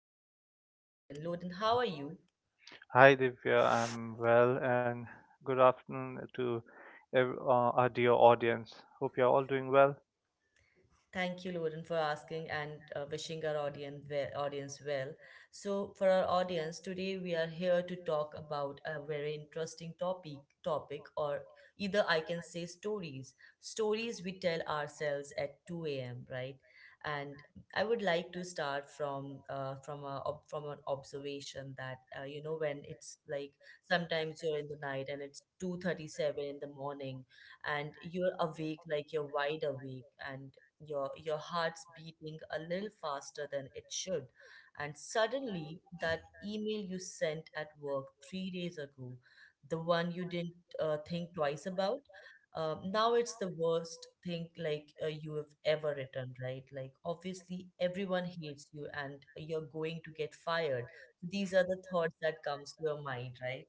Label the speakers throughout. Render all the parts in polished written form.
Speaker 1: your co host Loden. Loden, how are you?
Speaker 2: Hi Divya, I'm well and good afternoon to our dear audience. Hope you're all doing well.
Speaker 1: Thank you, Lauren, for asking and wishing our audience well, audience well. So, for our audience today, we are here to talk about a very interesting topic. Topic, or either I can say stories, stories we tell ourselves at 2 a.m. Right, and I would like to start from an observation that when it's like sometimes you're in the night and it's 2:37 in the morning, and you're awake like you're wide awake and your heart's beating a little faster than it should, and suddenly that email you sent at work 3 days ago, the one you didn't think twice about. Now it's the worst thing, like you have ever written. Right, like obviously everyone hates you and you're going to get fired. These are the thoughts that comes to your mind, right?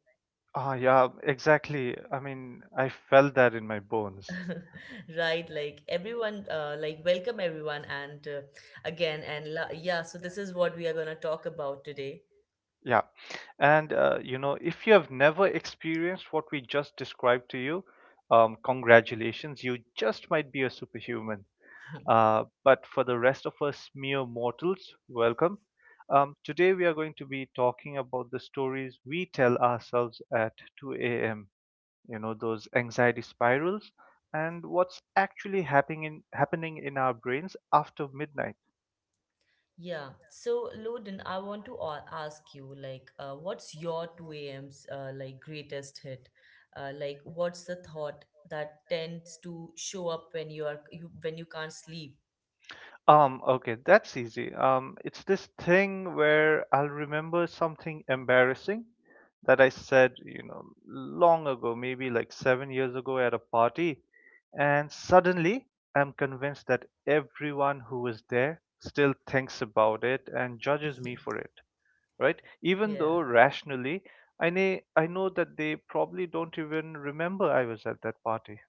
Speaker 2: Ah, yeah, exactly. I mean, I felt that in my bones.
Speaker 1: Right, like everyone, like welcome everyone, and yeah, so this is what we are going to talk about today.
Speaker 2: Yeah. And if you have never experienced what we just described to you, congratulations, you just might be a superhuman. But for the rest of us mere mortals, welcome. Today we are going to be talking about the stories we tell ourselves at 2 a.m. You know, those anxiety spirals and what's actually happening in our brains after midnight.
Speaker 1: Yeah, so Loden, I want to ask you, like, what's your 2 a.m.'s, like, greatest hit? Like, what's the thought that tends to show up when you are you when you can't sleep?
Speaker 2: Okay, that's easy. It's this thing where I'll remember something embarrassing that I said, you know, long ago, maybe like 7 years ago at a party, and suddenly I'm convinced that everyone who was there still thinks about it and judges me for it, right? Even
Speaker 1: Yeah.
Speaker 2: though rationally, I know that they probably don't even remember I was at that party.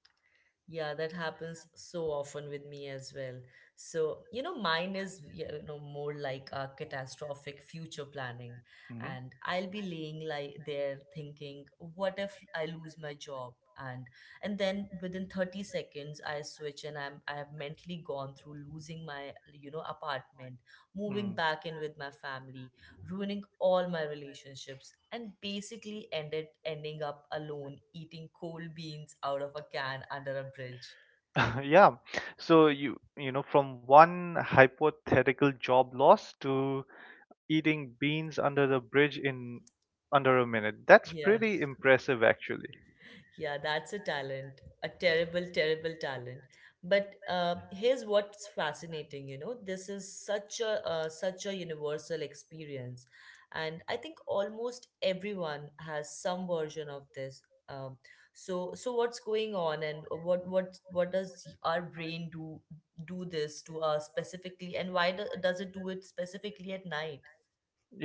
Speaker 1: Yeah, that happens so often with me as well. So, you know, mine is, you know, more like a catastrophic future planning.
Speaker 2: Hmm.
Speaker 1: And I'll be laying like there thinking, what if I lose my job? And then within 30 seconds I switch, and I have mentally gone through losing my, you know, apartment, moving
Speaker 2: Mm.
Speaker 1: back in with my family, ruining all my relationships, and basically ended ending up alone eating cold beans out of a can under a bridge.
Speaker 2: Yeah. So you know, from one hypothetical job loss to eating beans under the bridge in under a minute. That's
Speaker 1: Yeah.
Speaker 2: pretty impressive, actually.
Speaker 1: Yeah, that's a talent, a terrible, terrible talent. But here's what's fascinating, you know, this is such a universal experience, and I think almost everyone has some version of this. Um, so what's going on, and what does our brain do this to us specifically, and why does it do it specifically at night?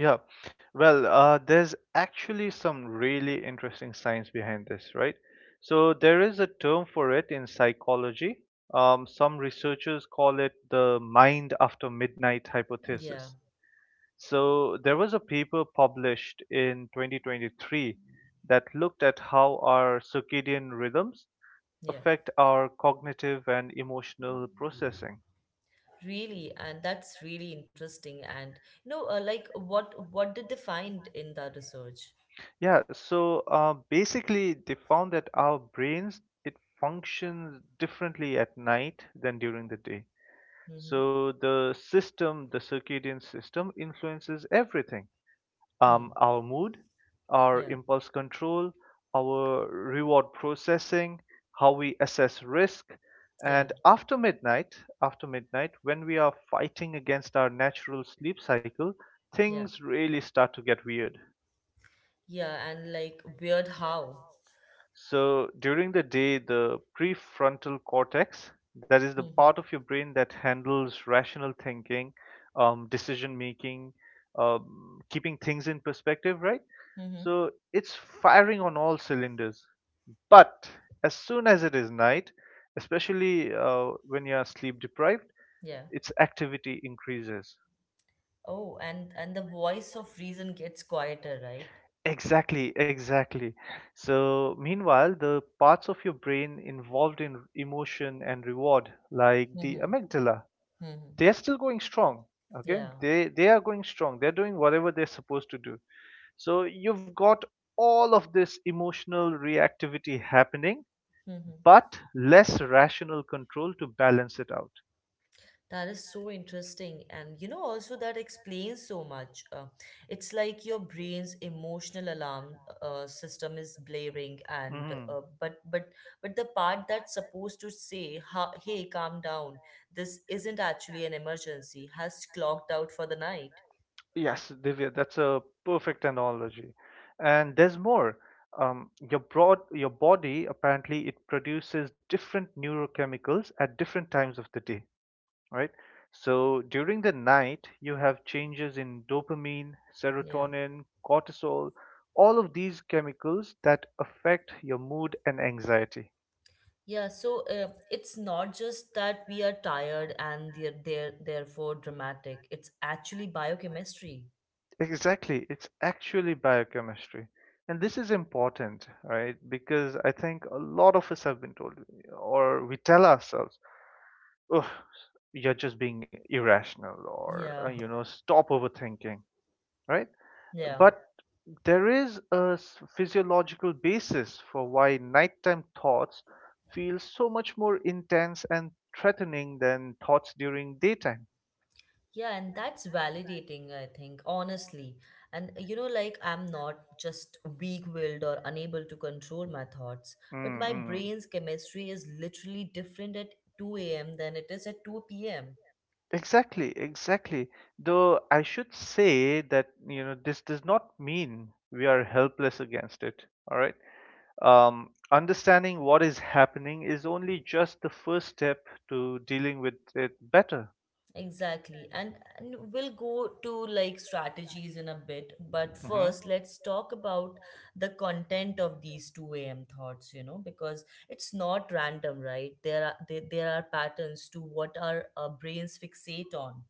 Speaker 2: Yeah, well, there's actually some really interesting science behind this, right? So there is a term for it in psychology. Some researchers call it the mind after midnight
Speaker 1: Yeah,
Speaker 2: hypothesis. So there was a paper published in 2023 that looked at how our circadian rhythms
Speaker 1: yeah.
Speaker 2: affect our cognitive and emotional processing.
Speaker 1: Really, and that's really interesting. And you know, like what did they find in that research?
Speaker 2: Yeah, so basically, they found that our brains, it functions differently at night than during the day.
Speaker 1: Mm-hmm.
Speaker 2: So the system, the circadian system, influences everything.
Speaker 1: Hmm.
Speaker 2: Our mood, our
Speaker 1: Yeah,
Speaker 2: impulse control, our reward processing, how we assess risk,
Speaker 1: yeah,
Speaker 2: and after midnight, when we are fighting against our natural sleep cycle,
Speaker 1: yeah,
Speaker 2: things really start to get weird.
Speaker 1: yeah. And like weird how.
Speaker 2: So during the day, the prefrontal cortex, that is the
Speaker 1: Mm-hmm.
Speaker 2: part of your brain that handles rational thinking, decision making, keeping things in perspective, right?
Speaker 1: Mm-hmm.
Speaker 2: So it's firing on all cylinders. But as soon as it is night, especially when you are sleep deprived,
Speaker 1: Yeah.
Speaker 2: its activity increases.
Speaker 1: Oh, and the voice of reason gets quieter, right?
Speaker 2: Exactly, exactly. So, meanwhile, the parts of your brain involved in emotion and reward, like the
Speaker 1: Mm-hmm.
Speaker 2: amygdala,
Speaker 1: Mm-hmm.
Speaker 2: they are still going strong. Okay,
Speaker 1: Yeah.
Speaker 2: they are going strong. They're doing whatever they're supposed to do. So you've got all of this emotional reactivity happening,
Speaker 1: Mm-hmm.
Speaker 2: but less rational control to balance it out.
Speaker 1: That is so interesting. And you know, also that explains so much. It's like your brain's emotional alarm, system is blaring, and
Speaker 2: Mm-hmm.
Speaker 1: but the part that's supposed to say, ha hey, calm down, this isn't actually an emergency, has clocked out for the night.
Speaker 2: Yes, Divya, that's a perfect analogy. And there's more. Your body apparently it produces different neurochemicals at different times of the day, right? So during the night, you have changes in dopamine,
Speaker 1: Yeah.
Speaker 2: serotonin, cortisol, all of these chemicals that affect your mood and anxiety.
Speaker 1: Yeah, so it's not just that we are tired and, they're therefore, dramatic. It's actually biochemistry.
Speaker 2: Exactly. It's actually biochemistry. And this is important, right? Because I think a lot of us have been told, or we tell ourselves, oh, you're just being irrational, or,
Speaker 1: Yeah,
Speaker 2: stop overthinking, right?
Speaker 1: yeah.
Speaker 2: But there is a physiological basis for why nighttime thoughts feel so much more intense and threatening than thoughts during daytime.
Speaker 1: Yeah, and that's validating, I think, honestly. And you know, like I'm not just weak-willed or unable to control my thoughts, but
Speaker 2: Mm,
Speaker 1: my
Speaker 2: mm.
Speaker 1: brain's chemistry is literally different at 2 a.m. than it is at 2 p.m.
Speaker 2: Exactly, exactly. Though I should say that, you know, this does not mean we are helpless against it, all right? Understanding what is happening is only just the first step to dealing with it better.
Speaker 1: Exactly. And we'll go to, like, strategies in a bit, but
Speaker 2: Hmm.
Speaker 1: first let's talk about the content of these 2 a.m. thoughts, you know, because it's not random, right? There are patterns to what our, brains fixate on.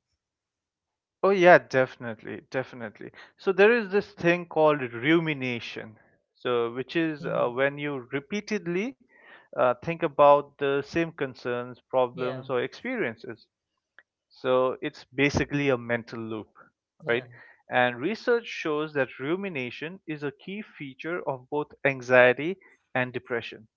Speaker 2: Oh, yeah, definitely, definitely. So there is this thing called rumination, so which is
Speaker 1: Mm-hmm.
Speaker 2: when you repeatedly think about the same concerns,
Speaker 1: Yeah,
Speaker 2: problems, or experiences. So it's basically a mental loop,
Speaker 1: yeah.
Speaker 2: right? And research shows that rumination is a key feature of both anxiety and depression.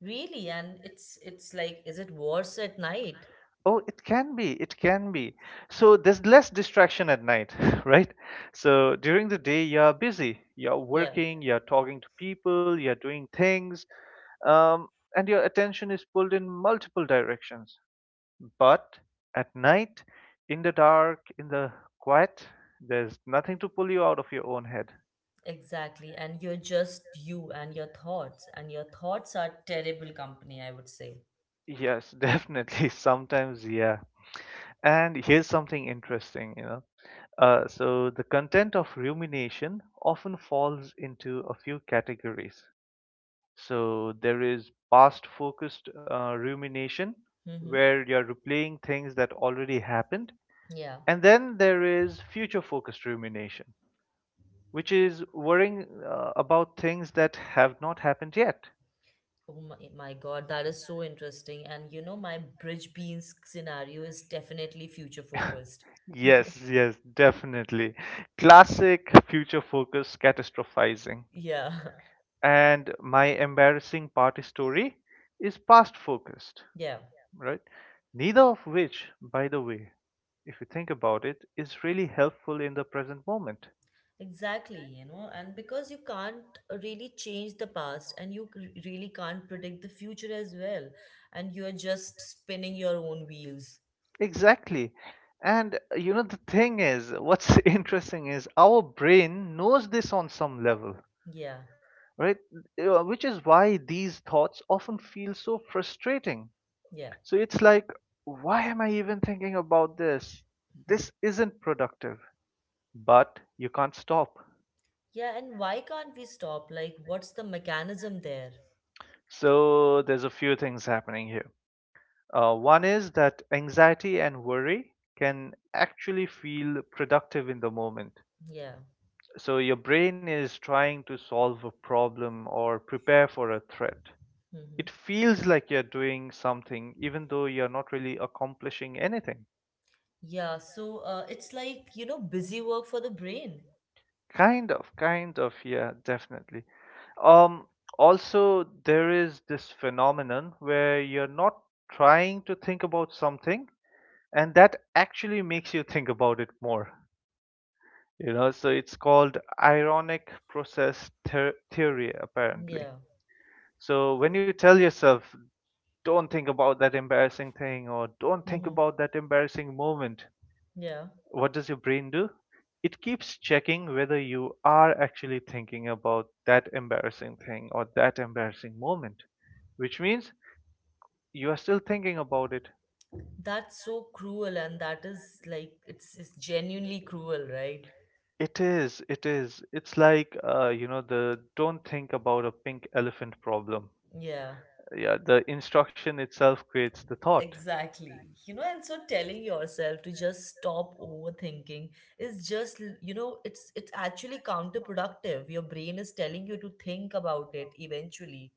Speaker 1: Really, and is it worse at night?
Speaker 2: Oh, it can be, it can be. So there's less distraction at night, right? So during the day, you're busy, you're
Speaker 1: Yeah,
Speaker 2: working, you're talking to people, you're doing things, um, and your attention is pulled in multiple directions. But at night, in the dark, in the quiet, there's nothing to pull you out of your own head.
Speaker 1: exactly. And you're just you and your thoughts are terrible company, I would say.
Speaker 2: Yes, definitely. Sometimes, yeah. And here's something interesting, you know. So, the content of rumination often falls into a few categories. So, there is past focused rumination,
Speaker 1: Mm-hmm.
Speaker 2: where you're replaying things that already happened.
Speaker 1: Yeah.
Speaker 2: And then there is future focused rumination, which is worrying about things that have not happened yet.
Speaker 1: Oh my God, that is so interesting. And you know, my bridge beans scenario is definitely future focused.
Speaker 2: Yes, yes, definitely. Classic future focused catastrophizing.
Speaker 1: Yeah,
Speaker 2: And my embarrassing party story is past focused,
Speaker 1: yeah.
Speaker 2: right? Neither of which, by the way, if you think about it, is really helpful in the present moment.
Speaker 1: Exactly, you know, and because you can't really change the past, and you really can't predict the future as well, and you are just spinning your own wheels.
Speaker 2: Exactly. And you know, the thing is, what's interesting is our brain knows this on some level,
Speaker 1: Yeah,
Speaker 2: right? Which is why these thoughts often feel so frustrating.
Speaker 1: yeah.
Speaker 2: So it's like, why am I even thinking about this?
Speaker 1: Hmm.
Speaker 2: This isn't productive, but you can't stop.
Speaker 1: Yeah, and why can't we stop? Like, what's the mechanism there?
Speaker 2: So there's a few things happening here. One is that anxiety and worry can actually feel productive in the moment.
Speaker 1: Yeah.
Speaker 2: So your brain is trying to solve a problem or prepare for a threat.
Speaker 1: Hmm.
Speaker 2: It feels like you're doing something, even though you're not really accomplishing anything.
Speaker 1: Yeah, so it's like, you know, busy work for the brain.
Speaker 2: Kind of, yeah, definitely. Um, Also, there is this phenomenon where you're not trying to think about something, and that actually makes you think about it more. You know, so it's called ironic process theory, apparently.
Speaker 1: Yeah.
Speaker 2: So when you tell yourself don't think about that embarrassing thing or don't think
Speaker 1: Hmm.
Speaker 2: about that embarrassing moment,
Speaker 1: Yeah.
Speaker 2: what does your brain do? It keeps checking whether you are actually thinking about that embarrassing thing or that embarrassing moment, which means you are still thinking about it.
Speaker 1: That's so cruel, and that is like, it's genuinely cruel, right?
Speaker 2: It is, it is. It's like, you know, the don't think about a pink elephant problem.
Speaker 1: Yeah.
Speaker 2: Yeah, the instruction itself creates the thought.
Speaker 1: Exactly. You know, and so telling yourself to just stop overthinking is just, you know, it's actually counterproductive. Your brain is telling you to think about it eventually.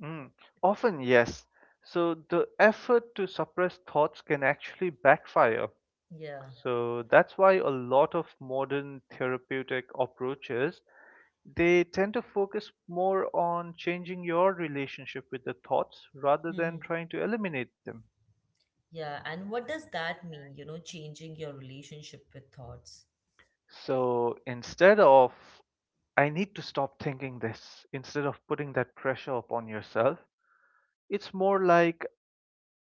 Speaker 2: Mm, often, yes. So the effort to suppress thoughts can actually backfire.
Speaker 1: Yeah.
Speaker 2: So that's why a lot of modern therapeutic approaches, they tend to focus more on changing your relationship with the thoughts rather than
Speaker 1: Hmm.
Speaker 2: trying to eliminate them.
Speaker 1: Yeah. And what does that mean, you know, changing your relationship with thoughts?
Speaker 2: So instead of I need to stop thinking this, instead of putting that pressure upon yourself, it's more like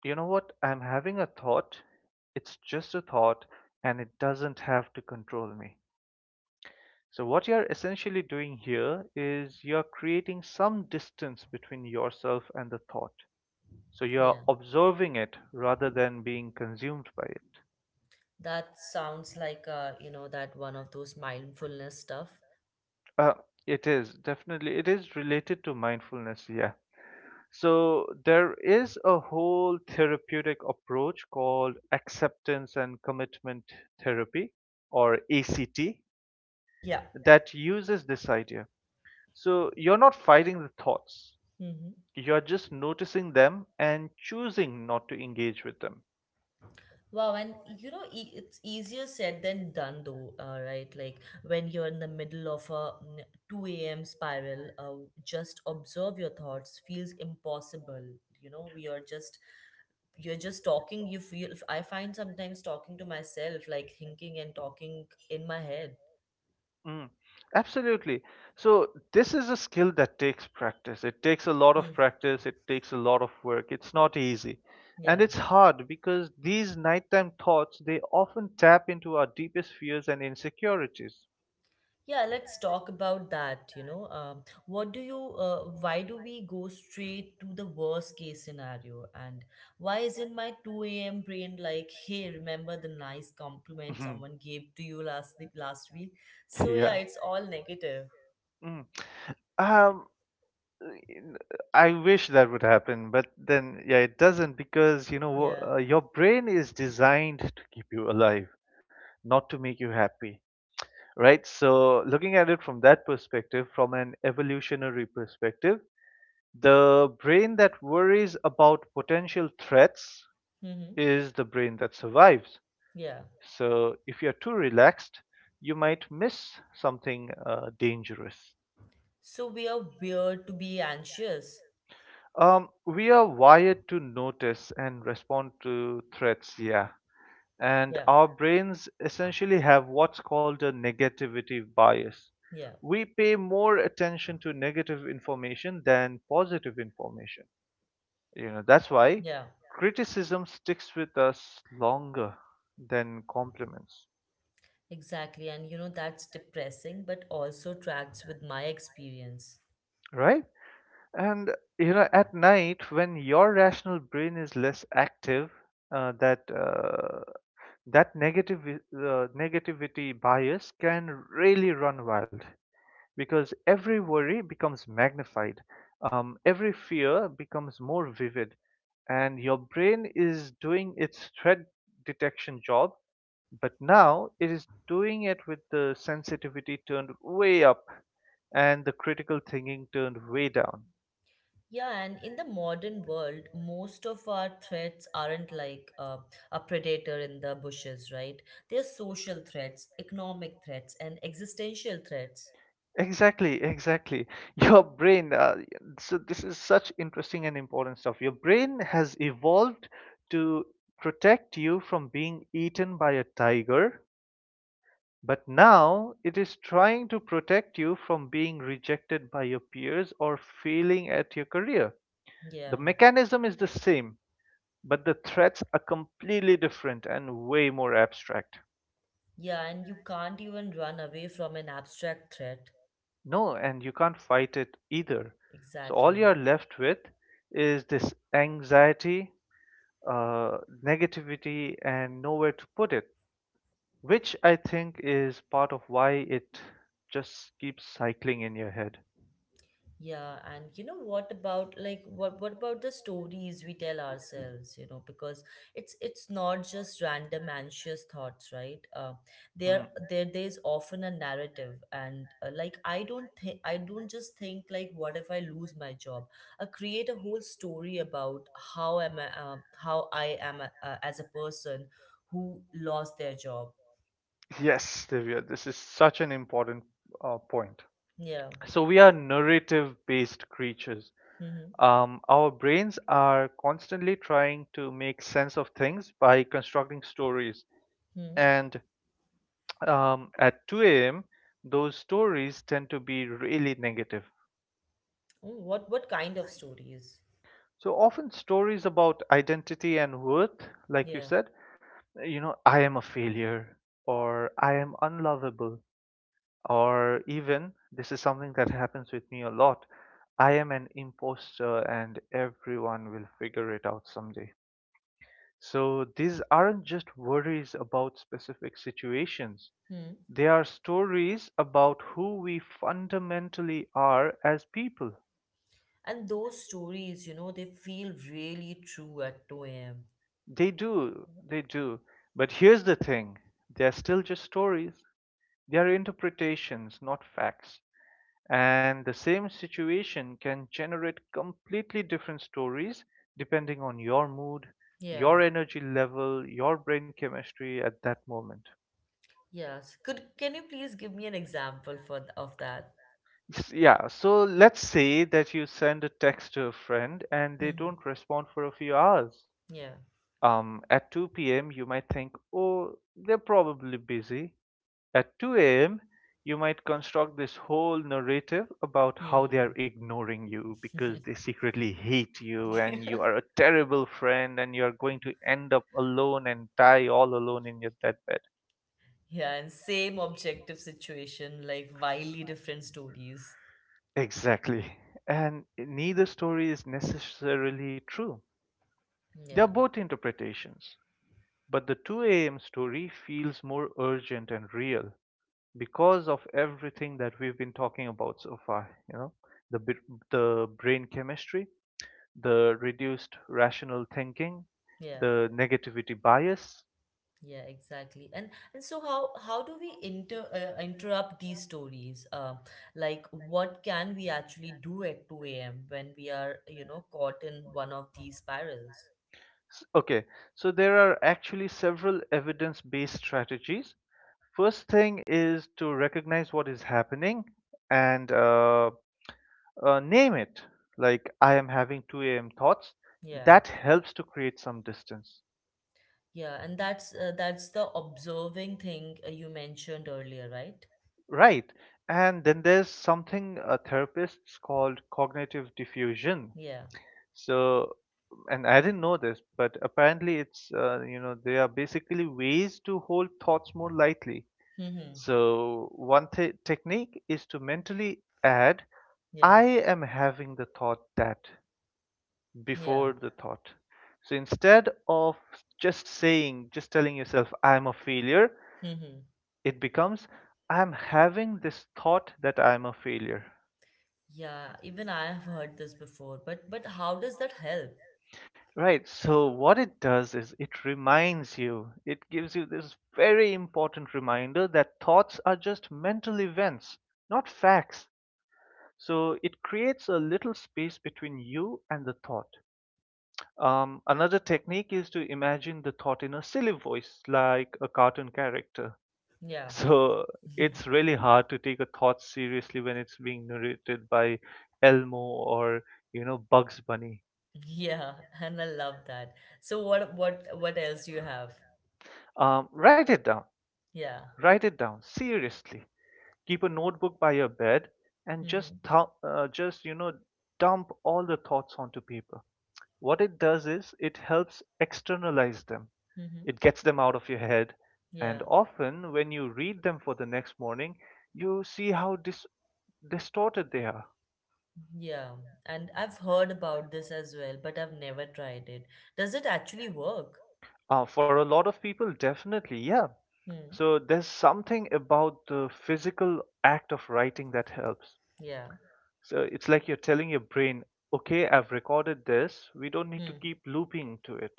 Speaker 2: you know what? I'm having a thought. It's just a thought and it doesn't have to control me. So, what you're essentially doing here is you're creating some distance between yourself and the thought. So, you're
Speaker 1: Yeah.
Speaker 2: observing it rather than being consumed by it.
Speaker 1: That sounds like, you know, that one of those mindfulness stuff.
Speaker 2: Uh, it is definitely, it is related to mindfulness, yeah. So, there is a whole therapeutic approach called acceptance and commitment therapy, or ACT,
Speaker 1: Yeah.
Speaker 2: that uses this idea. So you're not fighting the thoughts,
Speaker 1: Hmm.
Speaker 2: you're just noticing them and choosing not to engage with them.
Speaker 1: Wow, and you know, it's easier said than done, though, right? Like when you're in the middle of a 2 a.m. spiral, just observe your thoughts feels impossible. You know, we are just you're just talking. You feel, I find sometimes, talking to myself, like thinking and talking in my head.
Speaker 2: Mm, absolutely. So this is a skill that takes practice. It takes a lot of
Speaker 1: Hmm.
Speaker 2: practice, it takes a lot of work. It's not easy. And
Speaker 1: Yeah.
Speaker 2: it's hard because these nighttime thoughts, they often tap into our deepest fears and insecurities.
Speaker 1: Yeah, let's talk about that. You know, what do you, why do we go straight to the worst case scenario? And why isn't my 2 a.m. brain like, hey, remember the nice compliment someone gave to you last the last week? So
Speaker 2: Yeah.
Speaker 1: yeah, it's all negative.
Speaker 2: Mm. Um, I wish that would happen, but then yeah, it doesn't, because you know
Speaker 1: Yeah.
Speaker 2: your brain is designed to keep you alive, not to make you happy, right? So looking at it from that perspective, from an evolutionary perspective, the brain that worries about potential threats
Speaker 1: Mm-hmm.
Speaker 2: is the brain that survives.
Speaker 1: Yeah.
Speaker 2: So if you're too relaxed, you might miss something dangerous.
Speaker 1: So we are weird to be anxious.
Speaker 2: We are wired to notice and respond to threats, yeah. And
Speaker 1: Yeah.
Speaker 2: our brains essentially have what's called a negativity bias.
Speaker 1: Yeah.
Speaker 2: We pay more attention to negative information than positive information. You know, that's why
Speaker 1: Yeah.
Speaker 2: criticism sticks with us longer than compliments,
Speaker 1: Exactly. And you know, that's depressing, but also tracks with my experience.
Speaker 2: right? And you know, at night when your rational brain is less active, that that negative negativity bias can really run wild because every worry becomes magnified, every fear becomes more vivid, and your brain is doing its threat detection job, but now it is doing it with the sensitivity turned way up and the critical thinking turned way down.
Speaker 1: Yeah, and in the modern world, most of our threats aren't like, a predator in the bushes, right? They're social threats, economic threats, and existential threats.
Speaker 2: Exactly, exactly. Your brain, uh, so this is such interesting and important stuff. Your brain has evolved to protect you from being eaten by a tiger, but now it is trying to protect you from being rejected by your peers or failing at your career. The
Speaker 1: Yeah.
Speaker 2: mechanism is the same, but the threats are completely different and way more abstract.
Speaker 1: Yeah, and you can't even run away from an abstract threat.
Speaker 2: No, and you can't fight it either. So all
Speaker 1: Exactly.
Speaker 2: you're left with is this anxiety, uh, negativity, and nowhere to put it, which I think is part of why it just keeps cycling in your head.
Speaker 1: Yeah, and you know, what about the stories we tell ourselves, you know, because it's not just random anxious thoughts, right? There
Speaker 2: Mm.
Speaker 1: there there's often a narrative, and like, I don't just think, like, what if I lose my job? I create a whole story about how I am, a, as a person who lost their job.
Speaker 2: Yes, Divya, this is such an important point.
Speaker 1: Yeah.
Speaker 2: So we are narrative-based creatures.
Speaker 1: Mm-hmm.
Speaker 2: Our brains are constantly trying to make sense of things by constructing stories.
Speaker 1: Hmm.
Speaker 2: And At 2 a.m., those stories tend to be really negative.
Speaker 1: Oh, what kind of stories?
Speaker 2: So often stories about identity and worth, like you
Speaker 1: Yeah.
Speaker 2: said, you know, I am a failure, or I am unlovable, or even this is something that happens with me a lot. I am an imposter and everyone will figure it out someday. So these aren't just worries about specific situations.
Speaker 1: Hmm.
Speaker 2: They are stories about who we fundamentally are as people.
Speaker 1: And those stories, you know, they feel really true at 2 a.m.
Speaker 2: They do, they do. But here's the thing, they're still just stories. They are interpretations, not facts. And the same situation can generate completely different stories depending on your mood,
Speaker 1: Yeah.
Speaker 2: your energy level, your brain chemistry at that moment.
Speaker 1: Yes. Could Can you please give me an example for of that?
Speaker 2: Yeah, so let's say that you send a text to a friend and they
Speaker 1: Mm-hmm.
Speaker 2: don't respond for a few hours.
Speaker 1: Yeah.
Speaker 2: At 2 p.m., you might think, oh, they're probably busy. At 2 a.m., you might construct this whole narrative about how they
Speaker 1: Mm-hmm.
Speaker 2: are ignoring you because they secretly hate you and you are a terrible friend and you are going to end up alone and die all alone in your deathbed.
Speaker 1: Yeah, and same objective situation, like wildly different stories.
Speaker 2: Exactly. And neither story is necessarily true. They are
Speaker 1: Yeah,
Speaker 2: both interpretations, but the 2 a.m. story feels more urgent and real because of everything that we've been talking about so far, you know, the the brain chemistry, the reduced rational thinking,
Speaker 1: yeah,
Speaker 2: the negativity bias.
Speaker 1: yeah, exactly. And so how do we, interrupt these stories? Like, what can we actually do at 2 a.m. when we are, you know, caught in one of these spirals?
Speaker 2: Okay, so there are actually several evidence-based strategies. First thing is to recognize what is happening and name it. Like I am having 2 a.m. thoughts.
Speaker 1: Yeah.
Speaker 2: That helps to create some distance.
Speaker 1: Yeah, and that's, the observing thing, you mentioned earlier, right?
Speaker 2: Right. And then there's something therapists called cognitive diffusion.
Speaker 1: Yeah.
Speaker 2: So, and I didn't know this, but apparently they are basically ways to hold thoughts more lightly.
Speaker 1: Mm-hmm.
Speaker 2: So, one technique is to mentally add,
Speaker 1: Yeah.
Speaker 2: I am having the thought that
Speaker 1: Yeah.
Speaker 2: before the thought. So, instead of just telling yourself, I'm a failure,
Speaker 1: Mm-hmm.
Speaker 2: it becomes, I'm having this thought that I'm a failure.
Speaker 1: Yeah, even I have heard this before, but how does that help?
Speaker 2: Right. So what it does is it reminds you, it gives you this very important reminder that thoughts are just mental events, not facts. So it creates a little space between you and the thought. Another technique is to imagine the thought in a silly voice, like a cartoon character.
Speaker 1: Yeah.
Speaker 2: So it's really hard to take a thought seriously when it's being narrated by Elmo or Bugs Bunny.
Speaker 1: Yeah, and I love that. So what else do you have?
Speaker 2: Write it down.
Speaker 1: Yeah.
Speaker 2: Write it down seriously. Keep a notebook by your bed and just
Speaker 1: Mm-hmm.
Speaker 2: just dump all the thoughts onto paper. What it does is it helps externalize them. It
Speaker 1: Mm-hmm.
Speaker 2: gets them out of your head,
Speaker 1: Yeah.
Speaker 2: and often when you read them for the next morning, you see how distorted they are.
Speaker 1: Yeah. And I've heard about this as well, but I've never tried it. Does it actually work?
Speaker 2: For a lot of people, definitely, yeah.
Speaker 1: Hmm.
Speaker 2: So there's something about the physical act of writing that helps.
Speaker 1: Yeah.
Speaker 2: So it's like you're telling your brain, okay, I've recorded this. We don't need to
Speaker 1: Hmm.
Speaker 2: keep looping to it.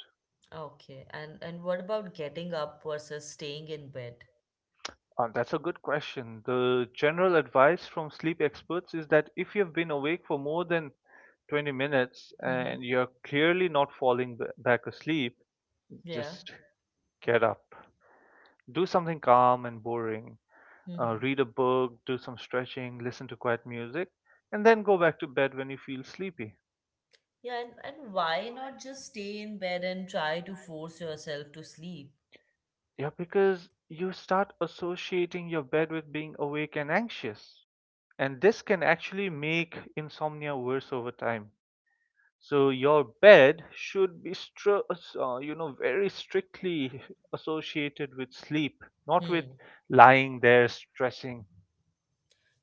Speaker 1: Okay. And what about getting up versus staying in bed?
Speaker 2: That's a good question. The general advice from sleep experts is that if you've been awake for more than 20 minutes
Speaker 1: Mm-hmm.
Speaker 2: and you're clearly not falling back asleep,
Speaker 1: Yeah.
Speaker 2: just get up. Do something calm and boring.
Speaker 1: Mm-hmm.
Speaker 2: Read a book, do some stretching, listen to quiet music, and then go back to bed when you feel sleepy.
Speaker 1: Yeah, and why not just stay in bed and try to force yourself to sleep?
Speaker 2: Yeah, because you start associating your bed with being awake and anxious. And this can actually make insomnia worse over time. So your bed should be very strictly associated with sleep, not with
Speaker 1: Hmm.
Speaker 2: lying there stressing.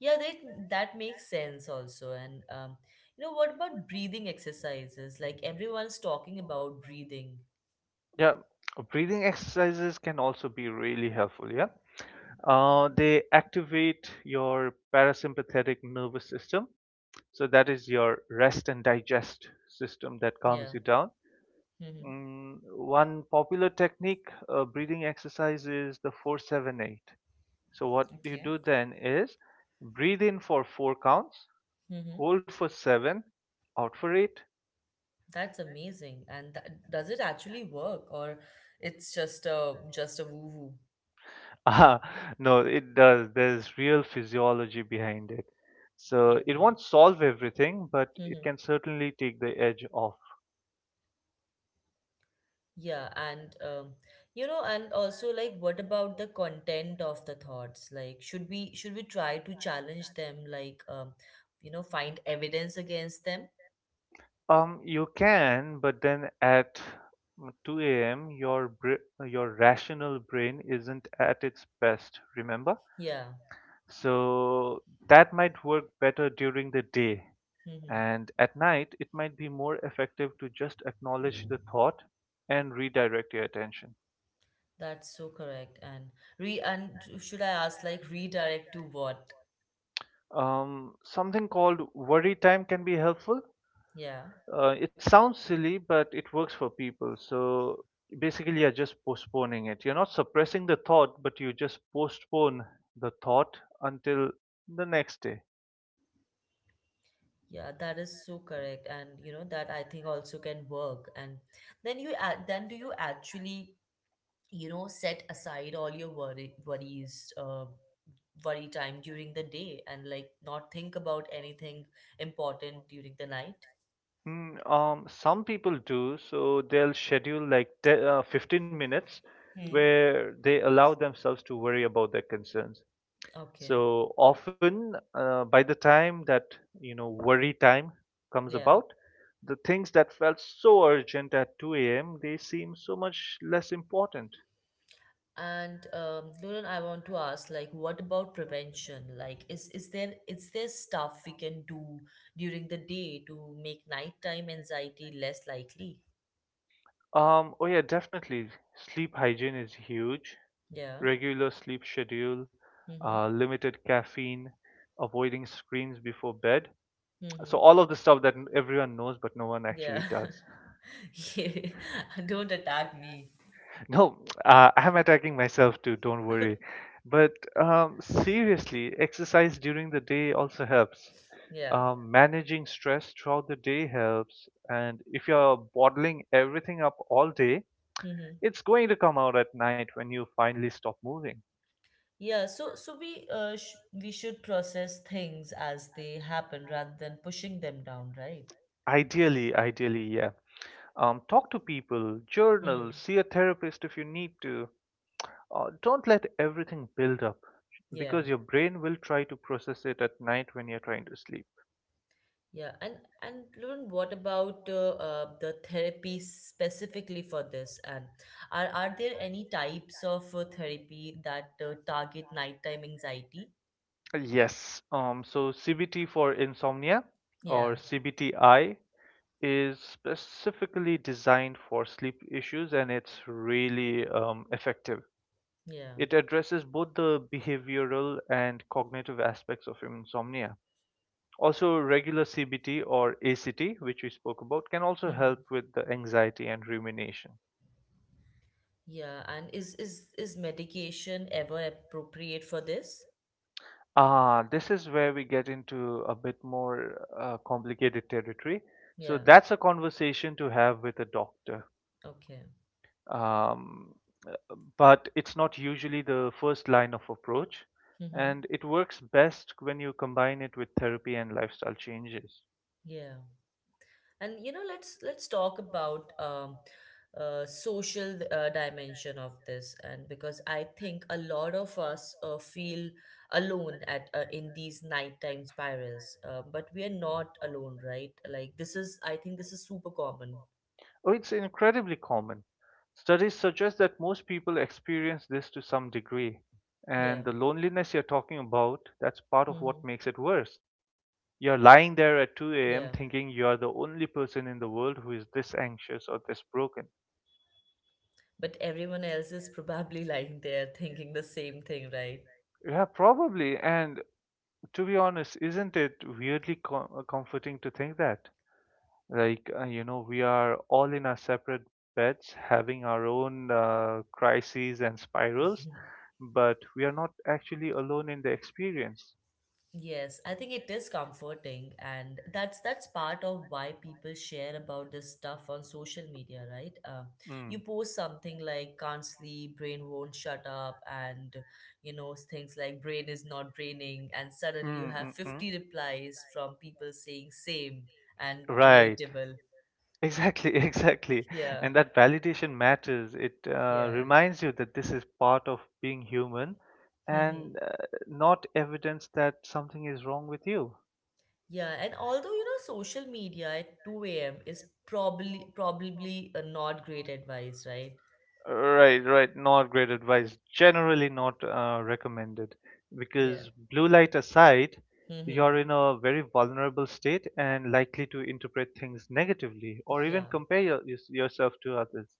Speaker 1: Yeah, that makes sense also. And you know, what about breathing exercises? Like, everyone's talking about breathing.
Speaker 2: Yeah, breathing exercises can also be really helpful. Yeah, they activate your parasympathetic nervous system. So that is your rest and digest system that calms
Speaker 1: Yeah.
Speaker 2: you down.
Speaker 1: Mm-hmm.
Speaker 2: One popular technique, breathing exercise, is the 4-7-8. So what you
Speaker 1: Okay.
Speaker 2: do then is breathe in for four counts,
Speaker 1: Mm-hmm.
Speaker 2: hold for seven, out for eight.
Speaker 1: That's amazing. And does it actually work, or it's just a woo woo?
Speaker 2: Ah, no, it does. There's real physiology behind it. So it
Speaker 1: All
Speaker 2: won't solve everything, but it can
Speaker 1: right.
Speaker 2: certainly take the edge off.
Speaker 1: Yeah, and, you know, and also like, what about the content of the thoughts? Like, should we try to challenge them, like, you know, find evidence against them?
Speaker 2: You can, but then at 2 a.m., your rational brain isn't at its best, remember?
Speaker 1: Yeah.
Speaker 2: So that might work better during the day,
Speaker 1: Mm-hmm.
Speaker 2: and at night, it might be more effective to just acknowledge the thought and redirect your attention.
Speaker 1: That's so correct. And, re and should I ask, like, redirect to what?
Speaker 2: Something called worry time can be helpful.
Speaker 1: Yeah.
Speaker 2: It sounds silly, but it works for people. So basically, you're just postponing it. You're not suppressing the thought, but you just postpone the thought until the next day.
Speaker 1: Yeah, that is so correct. And you know, that I think also can work. And then you add, then do you actually, you know, set aside all your, worries, worry time during the day, and like, not think about anything important during the night?
Speaker 2: Some people do, so they'll schedule like 15 minutes
Speaker 1: Hmm.
Speaker 2: where they allow themselves to worry about their concerns.
Speaker 1: Okay,
Speaker 2: So often, by the time that worry time comes
Speaker 1: yeah.
Speaker 2: about, the things that felt so urgent at 2 a.m. they seem so much less important.
Speaker 1: And Lauren, I want to ask, like, what about prevention? Like, is there stuff we can do during the day to make nighttime anxiety less likely?
Speaker 2: Oh yeah, definitely. Sleep hygiene is huge.
Speaker 1: Yeah.
Speaker 2: Regular sleep schedule,
Speaker 1: Mm-hmm.
Speaker 2: limited caffeine, avoiding screens before bed.
Speaker 1: Mm-hmm.
Speaker 2: So all of the stuff that everyone knows, but no one
Speaker 1: Yeah.
Speaker 2: actually does.
Speaker 1: Yeah. Don't attack me.
Speaker 2: No, I'm attacking myself too, don't worry. But seriously, exercise during the day also helps.
Speaker 1: Yeah.
Speaker 2: Managing stress throughout the day helps. And if you're bottling everything up all day,
Speaker 1: Mm-hmm.
Speaker 2: it's going to come out at night when you finally stop moving.
Speaker 1: Yeah, so we, sh we should process things as they happen rather than pushing them down, right?
Speaker 2: Ideally, ideally, yeah. Talk to people, journal,
Speaker 1: Hmm.
Speaker 2: see a therapist if you need to. Don't let everything build up
Speaker 1: Yeah.
Speaker 2: because your brain will try to process it at night when you're trying to sleep.
Speaker 1: Yeah. And Lauren, what about, the therapy specifically for this? And are there any types of, therapy that, target nighttime anxiety?
Speaker 2: Yes. So CBT for insomnia
Speaker 1: Yeah.
Speaker 2: or CBTI is specifically designed for sleep issues and it's really effective.
Speaker 1: Yeah.
Speaker 2: It addresses both the behavioral and cognitive aspects of insomnia. Also, regular CBT or ACT, which we spoke about, can also help
Speaker 1: Mm-hmm.
Speaker 2: with the anxiety and rumination.
Speaker 1: Yeah. And is medication ever appropriate for this?
Speaker 2: This is where we get into a bit more complicated territory. So,
Speaker 1: Yeah.
Speaker 2: that's a conversation to have with a doctor.
Speaker 1: Okay.
Speaker 2: um, uh, but it's not usually the first line of approach.
Speaker 1: Mm-hmm.
Speaker 2: And it works best when you combine it with therapy and lifestyle changes.
Speaker 1: Yeah. And you know, let's, talk about, social, dimension of this, and because I think a lot of us, feel alone at in these nighttime spirals, but we are not alone, right? Like, this is, I think, this is super common.
Speaker 2: Oh, it's incredibly common. Studies suggest that most people experience this to some degree.
Speaker 1: Yeah.
Speaker 2: And the loneliness you're talking about, that's part of
Speaker 1: Mm-hmm.
Speaker 2: what makes it worse. You're lying there
Speaker 1: Yeah,
Speaker 2: at 2 a.m. thinking you're the only person in the world who is this anxious or this broken.
Speaker 1: but everyone else is probably lying there thinking the same thing, right?
Speaker 2: Yeah, probably. And to be honest, isn't it weirdly comforting to think that? Like, we are all in our separate beds, having our own crises and spirals, but we are not actually alone in the experience.
Speaker 1: Yes, I think it is comforting, and that's part of why people share about this stuff on social media, right? You
Speaker 2: Mm.
Speaker 1: post something like "can't sleep," "brain won't shut up," and, you know, things like "brain is not braining," and suddenly you
Speaker 2: Mm,
Speaker 1: have
Speaker 2: mm, mm.
Speaker 1: 50 replies from people saying same and
Speaker 2: Right.
Speaker 1: relatable.
Speaker 2: Exactly, exactly.
Speaker 1: Yeah,
Speaker 2: And that validation matters. It
Speaker 1: yeah.
Speaker 2: reminds you that this is part of being human
Speaker 1: Hmm.
Speaker 2: and not evidence that something is wrong with you.
Speaker 1: Yeah, and although, you know, social media at 2 a.m. is, probably a not great advice, right?
Speaker 2: Right, right. Not great advice. Generally not recommended
Speaker 1: Yeah.
Speaker 2: because blue light aside,
Speaker 1: Mm-hmm.
Speaker 2: you're in a very vulnerable state and likely to interpret things negatively or even
Speaker 1: Yeah,
Speaker 2: compare yourself to others.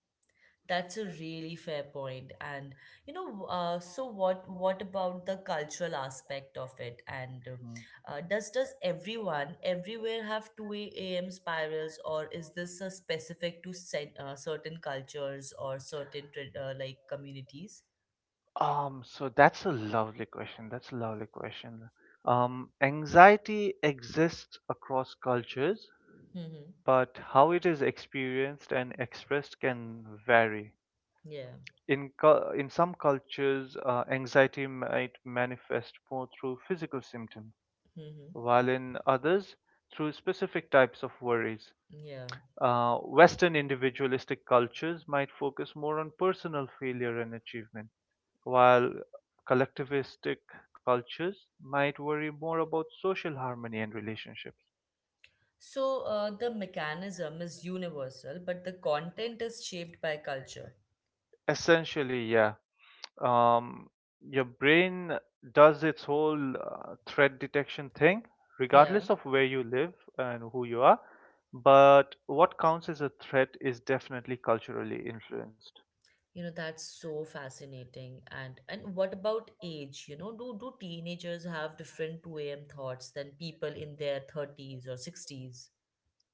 Speaker 1: that's a really fair point. And you know, so what about the cultural aspect of it? And,
Speaker 2: Mm.
Speaker 1: does everyone everywhere have 2 a.m. spirals, or is this, specific to, certain cultures or certain, like communities?
Speaker 2: So that's a lovely question. That's a lovely question. Anxiety exists across cultures,
Speaker 1: Mm-hmm.
Speaker 2: but how it is experienced and expressed can vary.
Speaker 1: Yeah.
Speaker 2: In some cultures, anxiety might manifest more through physical symptoms,
Speaker 1: Mm-hmm.
Speaker 2: while in others, through specific types of worries.
Speaker 1: Yeah.
Speaker 2: Western individualistic cultures might focus more on personal failure and achievement, while collectivistic cultures might worry more about social harmony and relationships.
Speaker 1: So, the mechanism is universal, but the content is shaped by culture.
Speaker 2: Essentially, yeah, um, your brain does its whole threat detection thing,
Speaker 1: Yeah.
Speaker 2: regardless of where you live and who you are. But what counts as a threat is definitely culturally influenced.
Speaker 1: You know, that's so fascinating. And what about age? You know, do teenagers have different 2 a.m. thoughts than people in their 30s or 60s?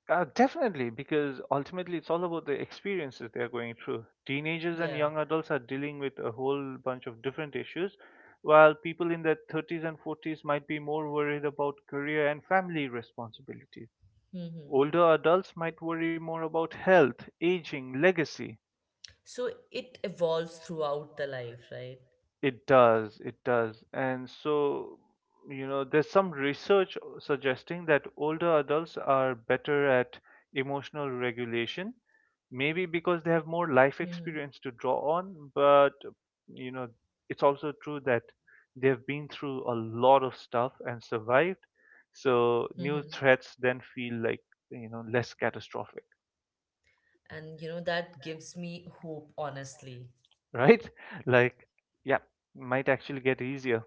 Speaker 2: Definitely, because ultimately it's all about the experiences they're going through. Teenagers and
Speaker 1: Yeah.
Speaker 2: young adults are dealing with a whole bunch of different issues, while people in their 30s and 40s might be more worried about career and family responsibilities.
Speaker 1: Mm-hmm.
Speaker 2: Older adults might worry more about health, aging, legacy.
Speaker 1: So it evolves throughout the life, right?
Speaker 2: It does, it does. And so, there's some research suggesting that older adults are better at emotional regulation, maybe because they have more life
Speaker 1: Mm-hmm.
Speaker 2: experience to draw on, but, you know, it's also true that they've been through a lot of stuff and survived. So new
Speaker 1: Mm-hmm.
Speaker 2: threats then feel like, less catastrophic.
Speaker 1: And you know, that gives me hope, honestly.
Speaker 2: Right? Like, yeah, might actually get easier.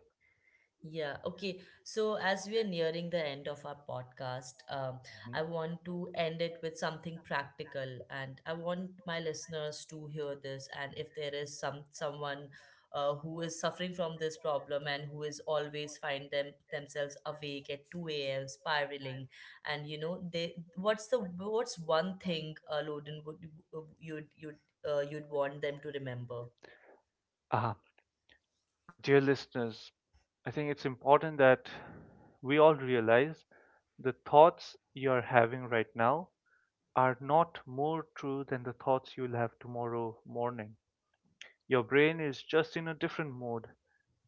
Speaker 1: Yeah, okay. So, as we are nearing the end of our podcast,
Speaker 2: Mhm.
Speaker 1: I want to end it with something practical, and I want my listeners to hear this. And if there is someone, who is suffering from this problem and who is always find themselves awake at 2 a.m. spiraling, and you know, they what's the what's one thing, Loden, would you'd want them to remember?
Speaker 2: Uh, Dear listeners, I think it's important that we all realize the thoughts you're having right now are not more true than the thoughts you'll have tomorrow morning. Your brain is just in a different mode.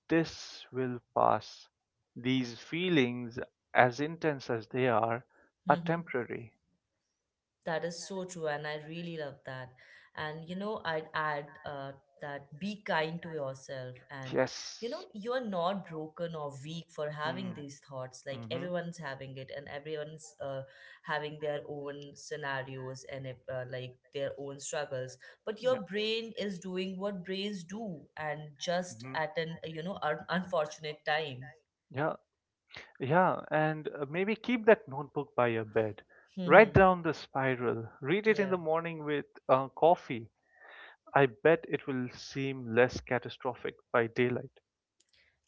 Speaker 2: This will pass. These feelings, as intense as they are
Speaker 1: Mm-hmm.
Speaker 2: temporary.
Speaker 1: That is so true, and I really love that. And you know, I'd add, that be kind to yourself, and you know,
Speaker 2: Yes.
Speaker 1: you're not broken or weak for having
Speaker 2: Mm.
Speaker 1: these thoughts. Like,
Speaker 2: Hmm.
Speaker 1: everyone's having it, and everyone's, having their own scenarios and, like their own struggles. But
Speaker 2: Yeah.
Speaker 1: your brain is doing what brains do, and just
Speaker 2: Hmm.
Speaker 1: at an, unfortunate time.
Speaker 2: Yeah. Yeah, and maybe keep that notebook by your bed. Write down the spiral. Read it in
Speaker 1: Yeah.
Speaker 2: the morning with coffee. I bet it will seem less catastrophic by daylight.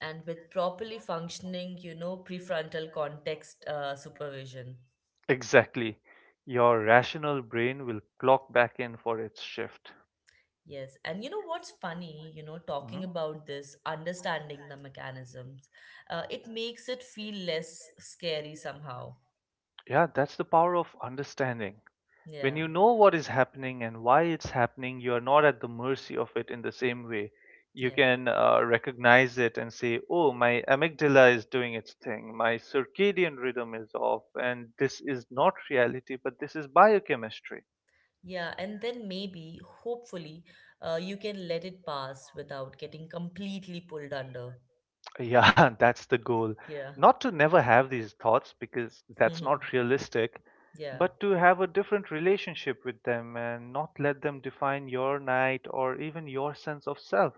Speaker 1: And with properly functioning, you know, prefrontal context, supervision.
Speaker 2: Exactly. Your rational brain will clock back in for its shift.
Speaker 1: Yes. And you know what's funny, you know,
Speaker 2: Mhm.
Speaker 1: talking about this, understanding the mechanisms, it makes it feel less scary somehow.
Speaker 2: Yeah, that's the power of understanding. When
Speaker 1: Yeah.
Speaker 2: you know what is happening and why it's happening, you are not at the mercy of it in the same way. You
Speaker 1: Yeah.
Speaker 2: can recognize it and say, oh, my amygdala is doing its thing, my circadian rhythm is off, and this is not reality, but this is biochemistry.
Speaker 1: Yeah. And then maybe, hopefully, you can let it pass without getting completely pulled under.
Speaker 2: Yeah, that's the goal.
Speaker 1: Yeah.
Speaker 2: Not to never have these thoughts because that's
Speaker 1: Mm-hmm.
Speaker 2: not realistic,
Speaker 1: Yeah.
Speaker 2: but to have a different relationship with them and not let them define your night or even your sense of self.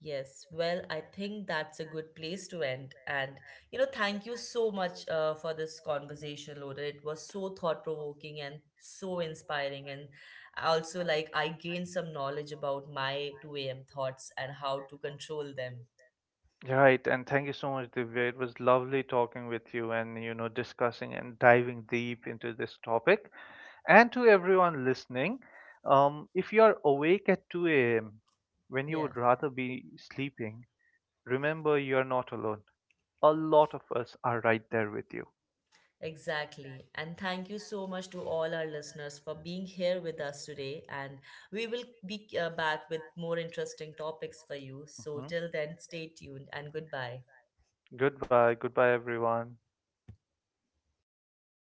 Speaker 1: Yes, well, I think that's a good place to end. And, you know, thank you so much, for this conversation, Loder. It was so thought-provoking and so inspiring. And also, like, I gained some knowledge about my 2 a.m. thoughts and how to control them.
Speaker 2: Right, and thank you so much, Divya. It was lovely talking with you and discussing and diving deep into this topic. And to everyone listening, if you are awake at 2 a.m. when you
Speaker 1: Yeah,
Speaker 2: would rather be sleeping, remember you are not alone. A lot of us are right there with you.
Speaker 1: exactly. And thank you so much to all our listeners for being here with us today. And we will be, back with more interesting topics for you. So,
Speaker 2: Mhm.
Speaker 1: till then, stay tuned and goodbye.
Speaker 2: Goodbye, goodbye, everyone.